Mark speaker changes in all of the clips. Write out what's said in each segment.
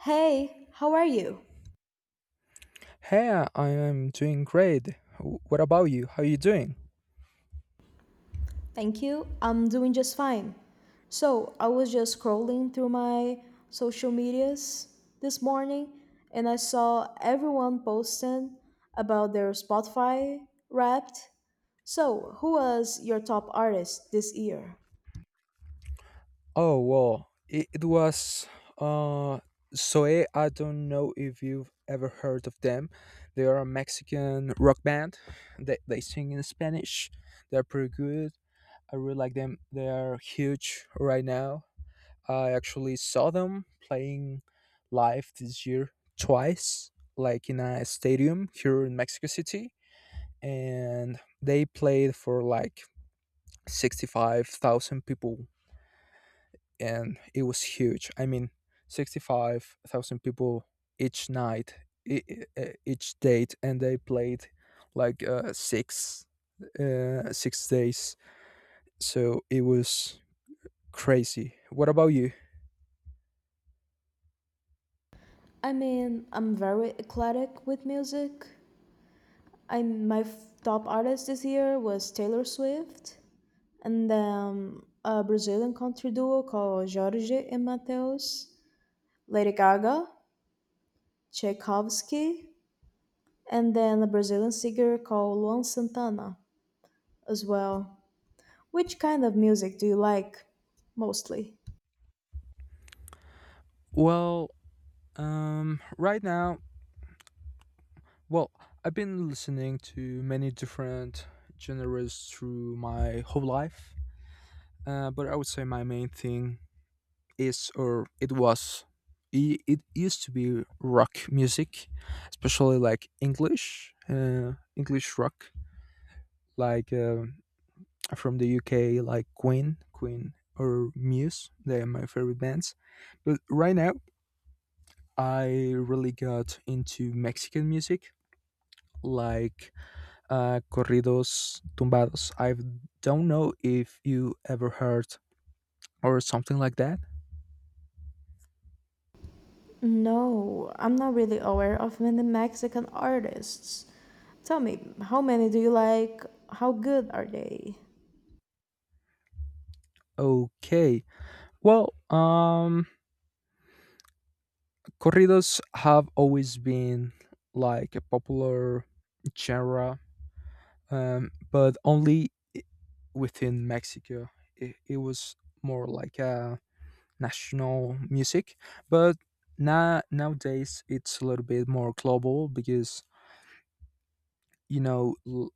Speaker 1: Hey, how are you?
Speaker 2: Hey, I am doing great. What about you? How are you doing?
Speaker 1: Thank you. I'm doing just fine. So, I was just scrolling through my social medias this morning and I saw everyone posting about their Spotify wrapped. So, who was your top artist this year?
Speaker 2: Oh, it was uh Zoe. I don't know if you've ever heard of them. They are a Mexican rock band. They sing in Spanish. They're pretty good. I really like them. They are huge right now. I actually saw them playing live this year twice, like in a stadium here in Mexico City, and they played for like 65,000 people, and it was huge. I mean, 65,000 people each night, each date, and they played like 6 days. So it was crazy. What about you?
Speaker 1: I mean, I'm very eclectic with music. I my f- top artist this year was Taylor Swift, and a Brazilian country duo called Jorge and Mateus, Lady Gaga, Tchaikovsky, and then a Brazilian singer called Luan Santana as well. Which kind of music do you like mostly?
Speaker 2: Well, right now, well, I've been listening to many different genres through my whole life. But I would say my main thing is or it was I- it used to be rock music, especially like english rock, like from the uk, like queen or muse. They are my favorite bands. But right now I really got into mexican music, like corridos tumbados. I don't know if you ever heard, or something like that.
Speaker 1: No, I'm not really aware of many Mexican artists. Tell me, how many do you like? How good are they?
Speaker 2: okay well um Corridos have always been like a popular genre, but only within Mexico. It was more like a national music, but nowadays it's a little bit more global because you know l-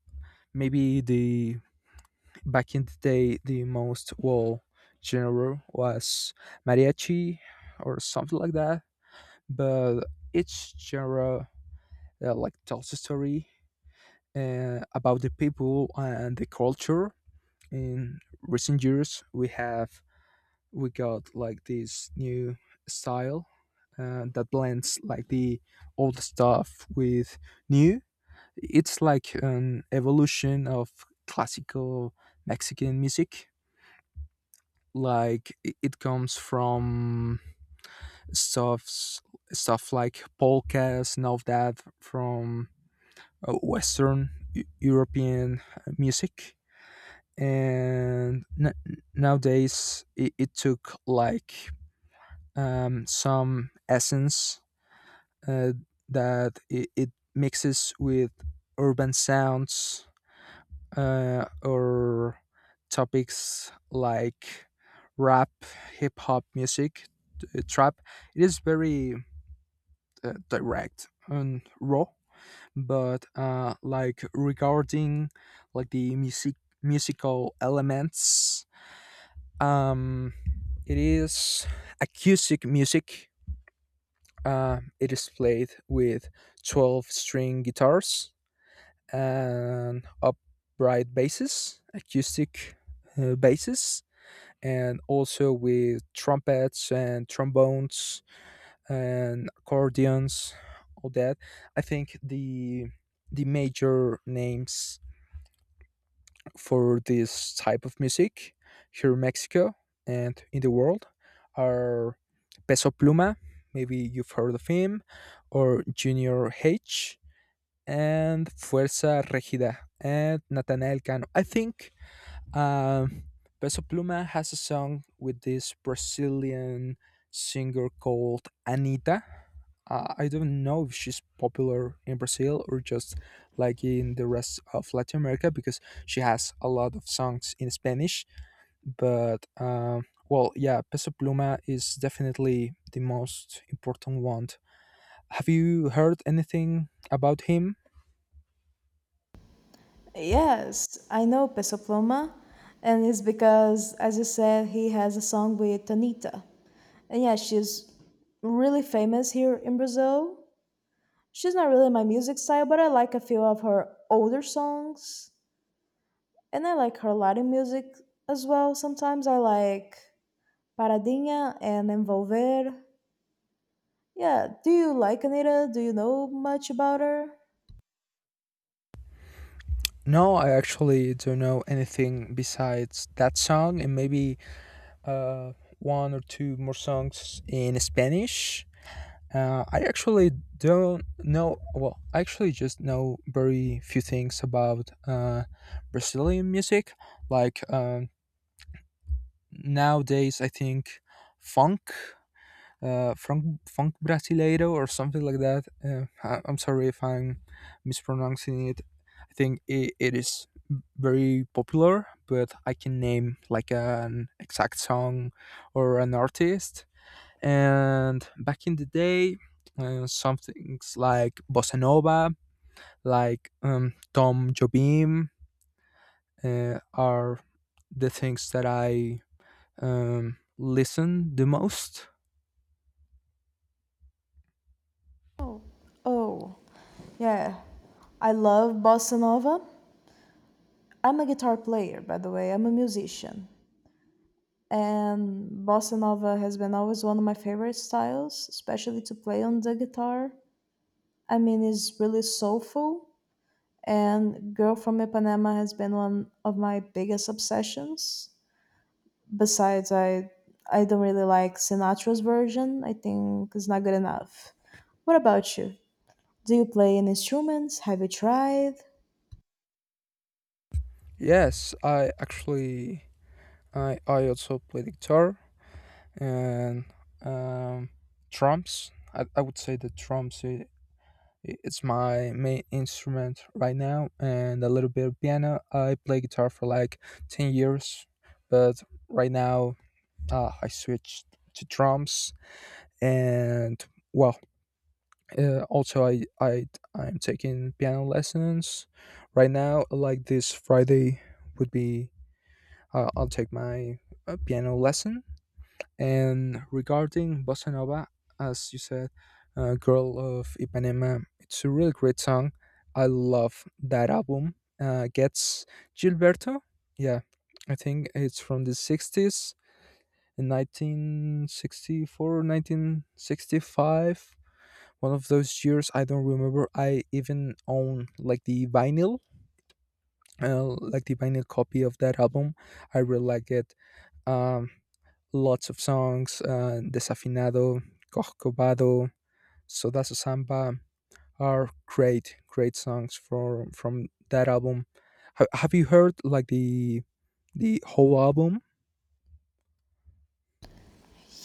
Speaker 2: maybe the back in the day the most well genre was mariachi or something like that, but each genre like tells a story about the people and the culture. In recent years, we got like this new style that blends like the old stuff with new. It's like an evolution of classical Mexican music. Like it comes from stuffs stuff like polkas and all that from Western European music, and nowadays it took like some essence uh, that it mixes with urban sounds, or topics like rap, hip hop music, trap. It is very direct and raw, but like regarding like the musical elements. Um It is acoustic music. It is played with 12 string guitars and upright basses, acoustic basses, and also with trumpets and trombones and accordions, all that. I think the major names for this type of music here in Mexico and in the world are Peso Pluma, maybe you've heard of him, or Junior H, and Fuerza Regida, and Natanael Cano. I think um, Peso Pluma has a song with this Brazilian singer called Anita. I don't know if she's popular in Brazil or just like in the rest of Latin America, because she has a lot of songs in Spanish. But yeah, Peso Pluma is definitely the most important one. Have you heard anything about him?
Speaker 1: Yes, I know Peso Pluma, and it's because, as you said, he has a song with Tonita. And yeah, she's really famous here in Brazil. She's not really my music style, but I like a few of her older songs. And I like her Latin music as well. Sometimes I like Paradinha and Envolver. Yeah, do you like Anita? Do you know much about her?
Speaker 2: No, I actually don't know anything besides that song and maybe uh, one or two more songs in Spanish. I actually don't know. Well, I actually just know very few things about Brazilian music. Like nowadays, I think funk, funk brasileiro, or something like that. I'm sorry if I'm mispronouncing it. I think it is very popular, but I can name like an exact song or an artist. And back in the day, some things like bossa nova, like Tom Jobim, are the things that I listen the most.
Speaker 1: Oh, oh, yeah. I love bossa nova. I'm a guitar player, by the way. I'm a musician. And bossa nova has been always one of my favorite styles, especially to play on the guitar. I mean, it's really soulful, and Girl from Ipanema has been one of my biggest obsessions. Besides, I don't really like Sinatra's version. I think it's not good enough. What about you? Do you play any instruments? Have you tried?
Speaker 2: Yes, I actually I also play the guitar and um, drums. I would say that it's my main instrument right now, and a little bit of piano. I play guitar for like 10 years, but right now I switched to drums. And well, also I'm taking piano lessons right now. Like this Friday would be, I'll take my piano lesson. And regarding Bossa Nova, as you said, Girl of Ipanema, it's a really great song. I love that album. Gets Gilberto. Yeah, I think it's from the 60s, in 1964, 1965. One of those years, I don't remember. I even own like the vinyl copy of that album. I really like it. um, Lots of songs, Desafinado, Corcovado, Sodazo Samba are great, great songs for from that album. Have you heard like the whole album?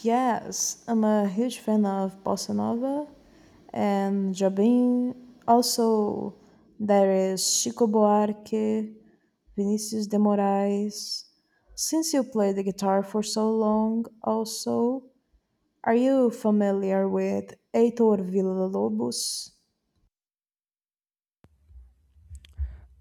Speaker 1: Yes, I'm a huge fan of bossa nova and Jobim. Also, there is Chico Buarque, Vinicius de Moraes. Since you play the guitar for so long, also, are you familiar with Heitor Villa-Lobos?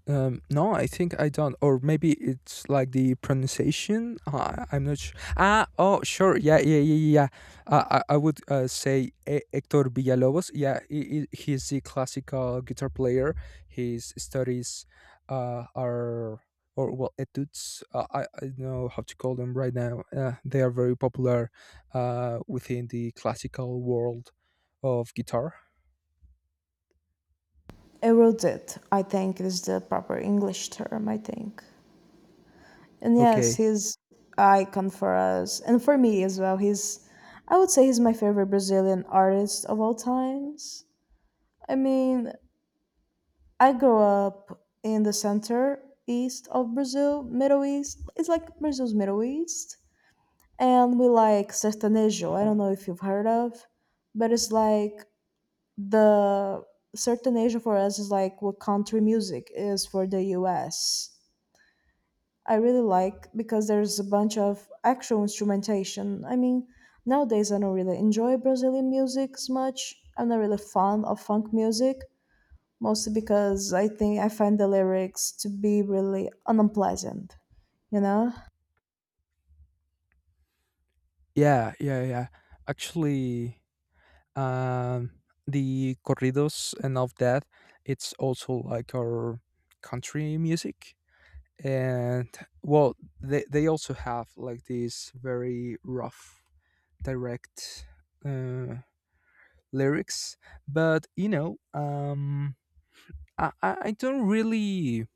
Speaker 2: No, I think I don't. Or maybe it's like the pronunciation. I'm not sure. Ah, oh, sure. Yeah, yeah, yeah, yeah, yeah. I would say Hector Villalobos. Yeah, he's the classical guitar player. His studies are, or well, etudes. I don't know how to call them right now. They are very popular within the classical world of guitar.
Speaker 1: Erudite, I think is the proper English term, I think. And yes,
Speaker 2: Okay.
Speaker 1: he's icon for us and for me as well. He's I would say he's my favorite Brazilian artist of all times. I mean, I grew up in the center east of Brazil, Middle East. It's like Brazil's Middle East. And we like sertanejo. I don't know if you've heard of, but it's like the sertanejo for us is like what country music is for the US. I really like because there's a bunch of actual instrumentation. I mean, nowadays I don't really enjoy Brazilian music as much. I'm not really fond of funk music, mostly because I think I find the lyrics to be really unpleasant, you know?
Speaker 2: Yeah, yeah, yeah. Actually. Um, the corridos and of that, it's also like our country music. And well, they also have like these very rough, direct uh, lyrics. But you know, I don't really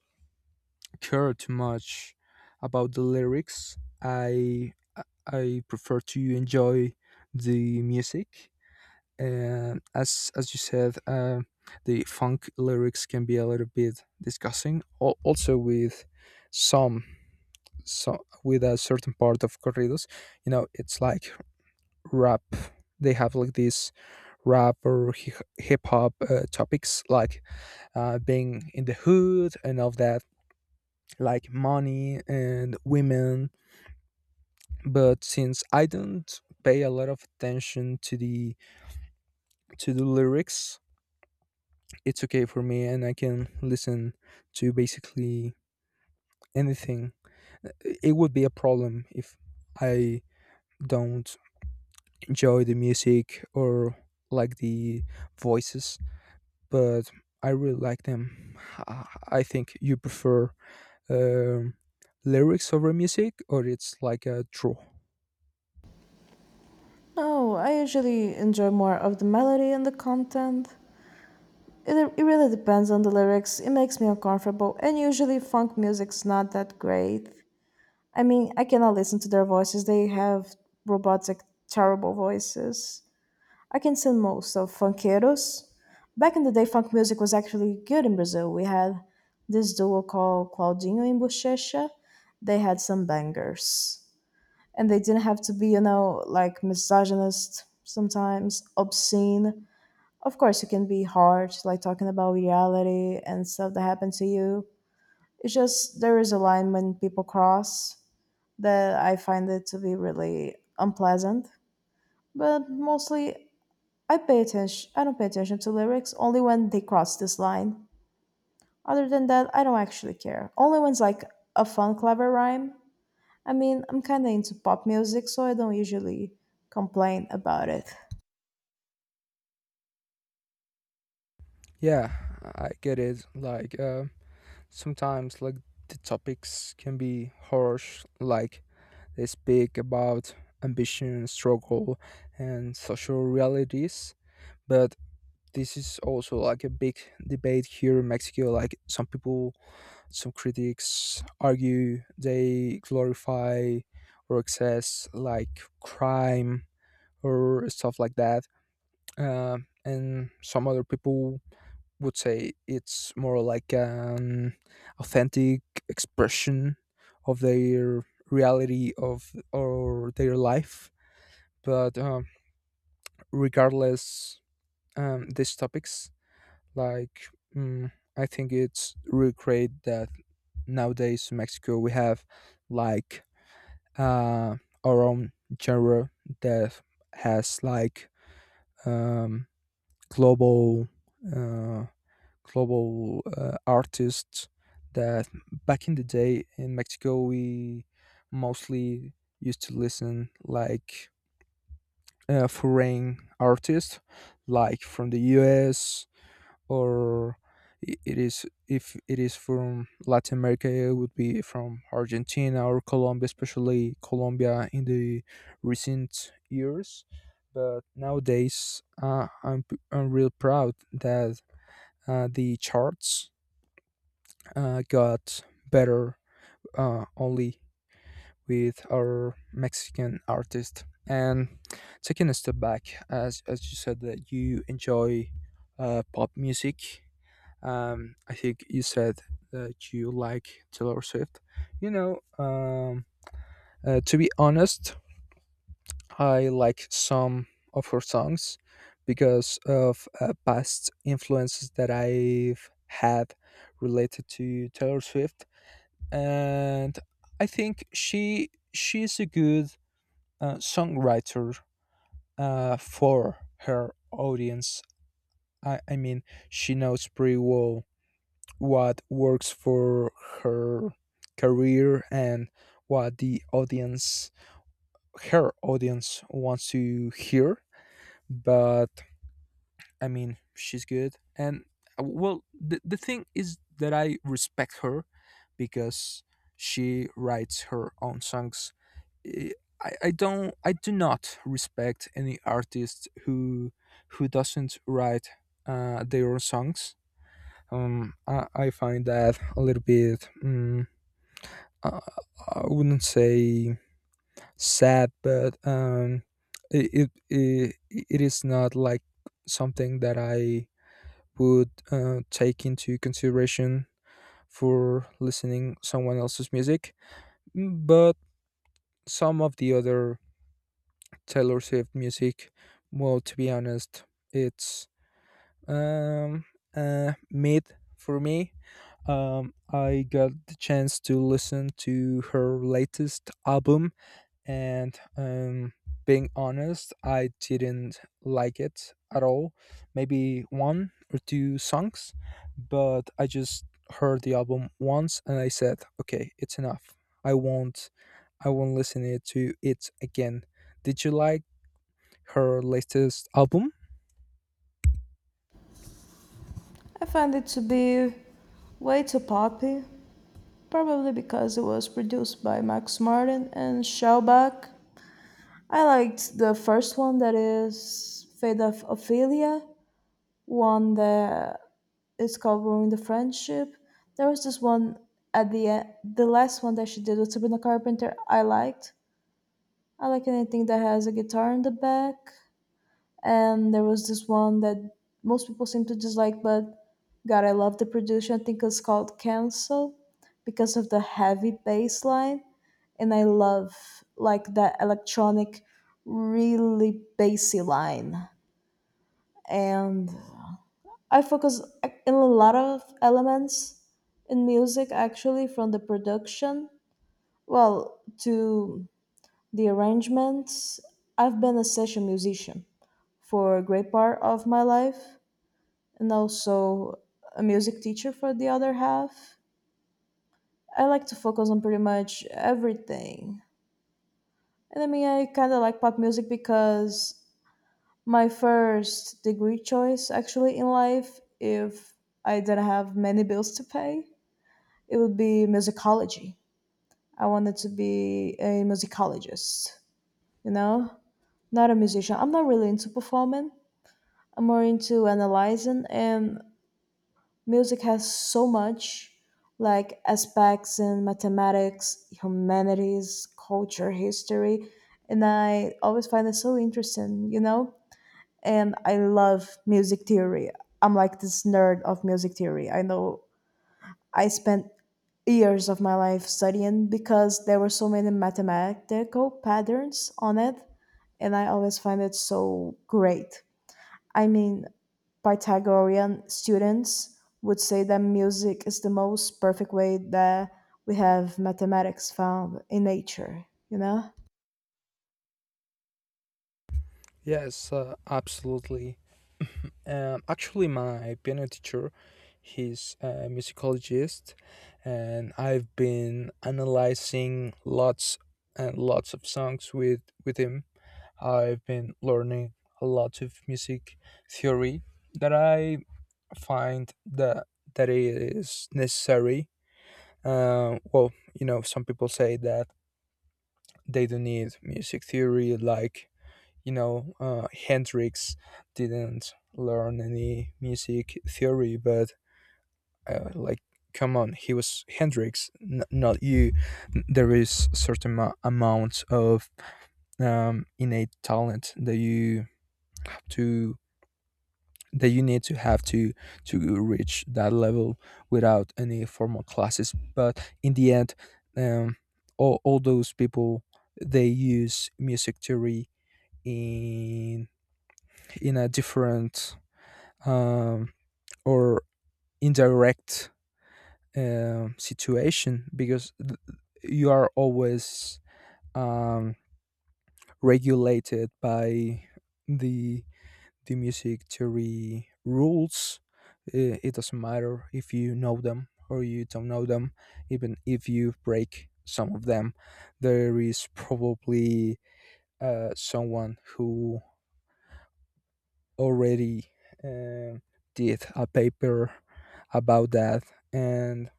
Speaker 2: care too much about the lyrics. I prefer to enjoy the music. And as you said, the funk lyrics can be a little bit disgusting. Also, with some, so with a certain part of corridos, you know, it's like rap. They have like this rap or hip hop topics, like being in the hood and all that, like money and women. But since I don't pay a lot of attention to the lyrics, it's okay for me, and I can listen to basically anything. It would be a problem if I don't enjoy the music or like the voices, but I really like them. I I think you prefer um lyrics over music, or it's like a draw.
Speaker 1: No, I usually enjoy more of the melody and the content. It really depends on the lyrics, it makes me uncomfortable, and usually funk music's not that great. I mean, I cannot listen to their voices. They have robotic, terrible voices. I can sing most of Funkeiros. Back in the day, funk music was actually good in Brazil. We had this duo called Claudinho and Bochecha. They had some bangers. And they didn't have to be, you know, like misogynist sometimes, obscene. Of course, you can be hard, like talking about reality and stuff that happened to you. It's just there is a line when people cross that I find it to be really unpleasant. But mostly, I pay attention. I don't pay attention to lyrics only when they cross this line. Other than that, I don't actually care. Only when it's like a fun, clever rhyme. I mean, I'm kind of into pop music, so I don't usually complain about it.
Speaker 2: Yeah, I get it. Like sometimes, like the topics can be harsh, like they speak about ambition, struggle, and social realities. But this is also like a big debate here in Mexico. Like some people, some critics argue they glorify or excess like crime or stuff like that. And some other people would say it's more like an authentic expression of their reality of or their life. But regardless, these topics, like I think it's really great that nowadays in Mexico we have like uh, our own genre that has like um, global uh, global artists, that back in the day in Mexico we mostly used to listen like foreign artists, like from the US, or I- it is if it is from Latin America, it would be from Argentina or Colombia, especially Colombia in the recent years. But nowadays, I'm real proud that the charts got better, only with our Mexican artist. And taking a step back, as you said that you enjoy pop music, I think you said that you like Taylor Swift. You know, to be honest, I like some of her songs because of past influences that I've had related to Taylor Swift, and I think she's a good songwriter for her audience. I mean, she knows pretty well what works for her career and what her audience wants to hear. But I mean, she's good. And the thing is that I respect her because she writes her own songs. I, I do not respect any artist who doesn't write their own songs. I find that a little bit I I wouldn't say sad, but it is not like something that I would take into consideration for listening someone else's music. But some of the other Taylor Swift music, well, to be honest, it's um mid for me. I got the chance to listen to her latest album, and being honest, I didn't like it at all. Maybe one or two songs, but I just heard the album once and I said, "Okay, it's enough. I won't, I won't listen it to it again." Did you like her latest album?
Speaker 1: I find it to be way too poppy, probably because it was produced by Max Martin and Shellback. I liked the first one that is Fate of Ophelia, one that is covering the friendship. There was this one at the end, the last one that she did with Sabrina Carpenter. I liked. I like anything that has a guitar in the back. And there was this one that most people seem to dislike, but God, I love the production. I think it's called Cancel because of the heavy bass line. And I love like that electronic, really bassy line. And I focus in a lot of elements in music actually from the production, well, to the arrangements. I've been a session musician for a great part of my life and also a music teacher for the other half. I like to focus on pretty much everything. And I mean, I kind of like pop music because my first degree choice actually in life, if I didn't have many bills to pay, it would be musicology. I wanted to be a musicologist, you know, not a musician. I'm not really into performing. I'm more into analyzing and music has so much like aspects in mathematics, humanities, culture, history, and I always find it so interesting, you know? And I love music theory. I'm like this nerd of music theory. I know I spent years of my life studying because there were so many mathematical patterns on it, and I always find it so great. I mean, Pythagorean students would say that music is the most perfect way that we have mathematics found in nature, you know?
Speaker 2: Yes, absolutely. Actually, my piano teacher, he's a musicologist, and I've been analyzing lots and lots of songs with him. I've been learning a lot of music theory that I find that is necessary. Well, you know, some people say that they don't need music theory, like, you know, Hendrix didn't learn any music theory, but like, come on, he was Hendrix, not you. There is certain amount of innate talent that you have to that you need to have to reach that level without any formal classes. But in the end, um, all those people, they use music theory in a different um, or indirect situation, because you are always um, regulated by the the music theory rules. It doesn't matter if you know them or you don't know them, even if you break some of them. There is probably someone who already uh, did a paper about that, and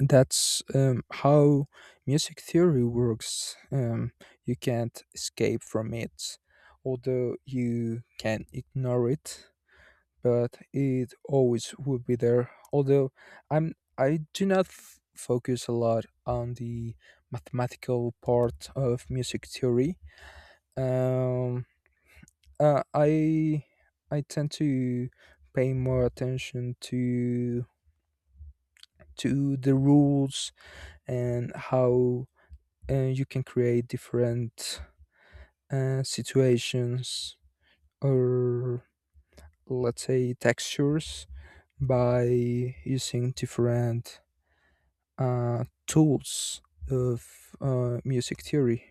Speaker 2: that's how music theory works. You can't escape from it, although you can ignore it, but it always will be there. Although I do not focus a lot on the mathematical part of music theory. Um, uh, I, I tend to pay more attention to the rules, and how and you can create different situations, or let's say textures, by using different tools of music theory.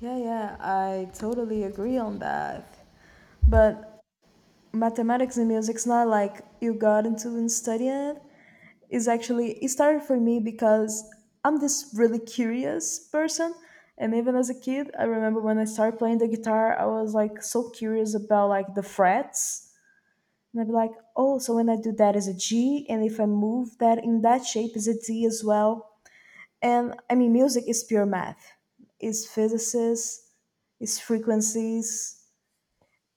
Speaker 1: Yeah, yeah, I totally agree on that. But mathematics and music's not like you got into and studying it. Is actually it started for me because I'm this really curious person, and even as a kid, I remember when I started playing the guitar, I was like so curious about like the frets. And I'd be like, oh, so when I do that is a G, and if I move that in that shape is a D as well. And I mean, music is pure math, is physicists, is frequencies,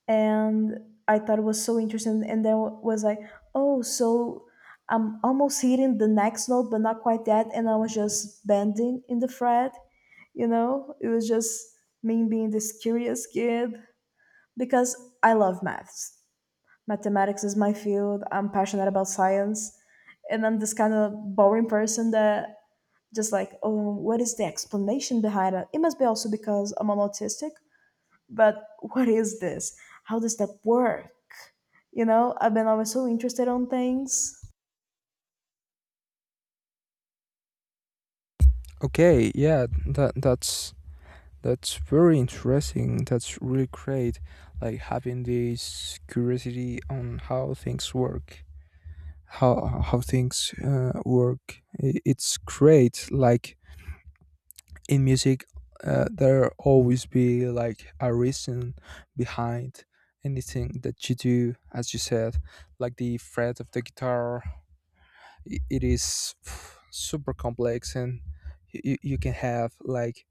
Speaker 1: and I thought it was so interesting. And then was like, oh, so I'm almost hitting the next note, but not quite that. And I was just bending in the fret, you know. It was just me being this curious kid because I love maths. Mathematics is my field. I'm passionate about science, and I'm this kind of boring person that just like, oh, what is the explanation behind it? It must be also because I'm an autistic but what is this? How does that work? You know, I've been always so interested on things.
Speaker 2: Okay, yeah, that's very interesting. That's really great. Like having this curiosity on how things work, how things work. It's great. Like in music, there always be like a reason behind anything that you do, as you said, like the fret of the guitar. It is super complex, and you can have like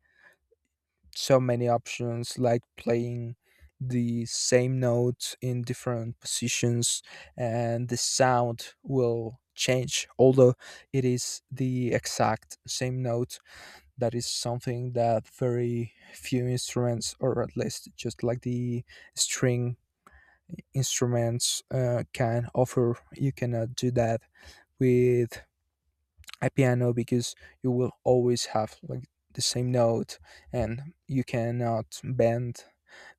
Speaker 2: so many options, like playing the same note in different positions, and the sound will change, although it is the exact same note. That is something that very few instruments, or at least just like the string instruments, can offer. You cannot do that with a piano, because you will always have like the same note and you cannot bend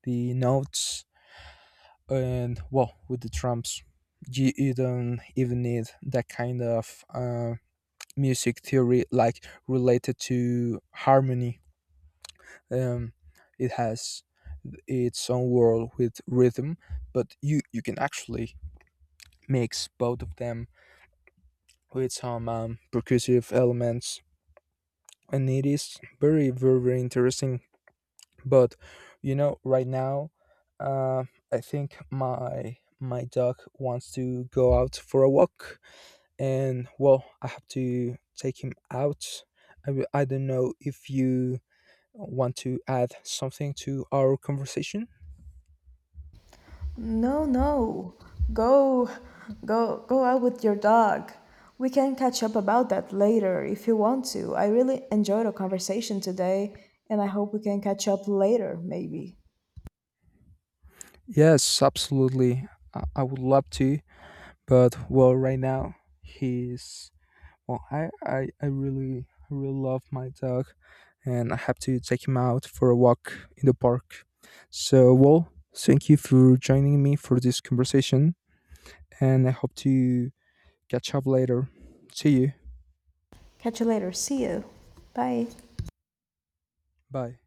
Speaker 2: the notes. And well, with the drums, you don't even need that kind of music theory like related to harmony. um, it has its own world with rhythm, but you can actually mix both of them with some percussive elements, and it is very, very, very interesting. But you know, right now, uh, I think my dog wants to go out for a walk, and well, I have to take him out. I don't know if you want to add something to our conversation.
Speaker 1: No, no. Go, go, go out with your dog. We can catch up about that later if you want to. I really enjoyed our conversation today, and I hope we can catch up later, maybe.
Speaker 2: Yes, absolutely. I would love to, but well, right now he's well. I really love my dog, and I have to take him out for a walk in the park. So well, thank you for joining me for this conversation, and I hope to catch up later. See you.
Speaker 1: Catch you later. See you. Bye.
Speaker 2: Bye.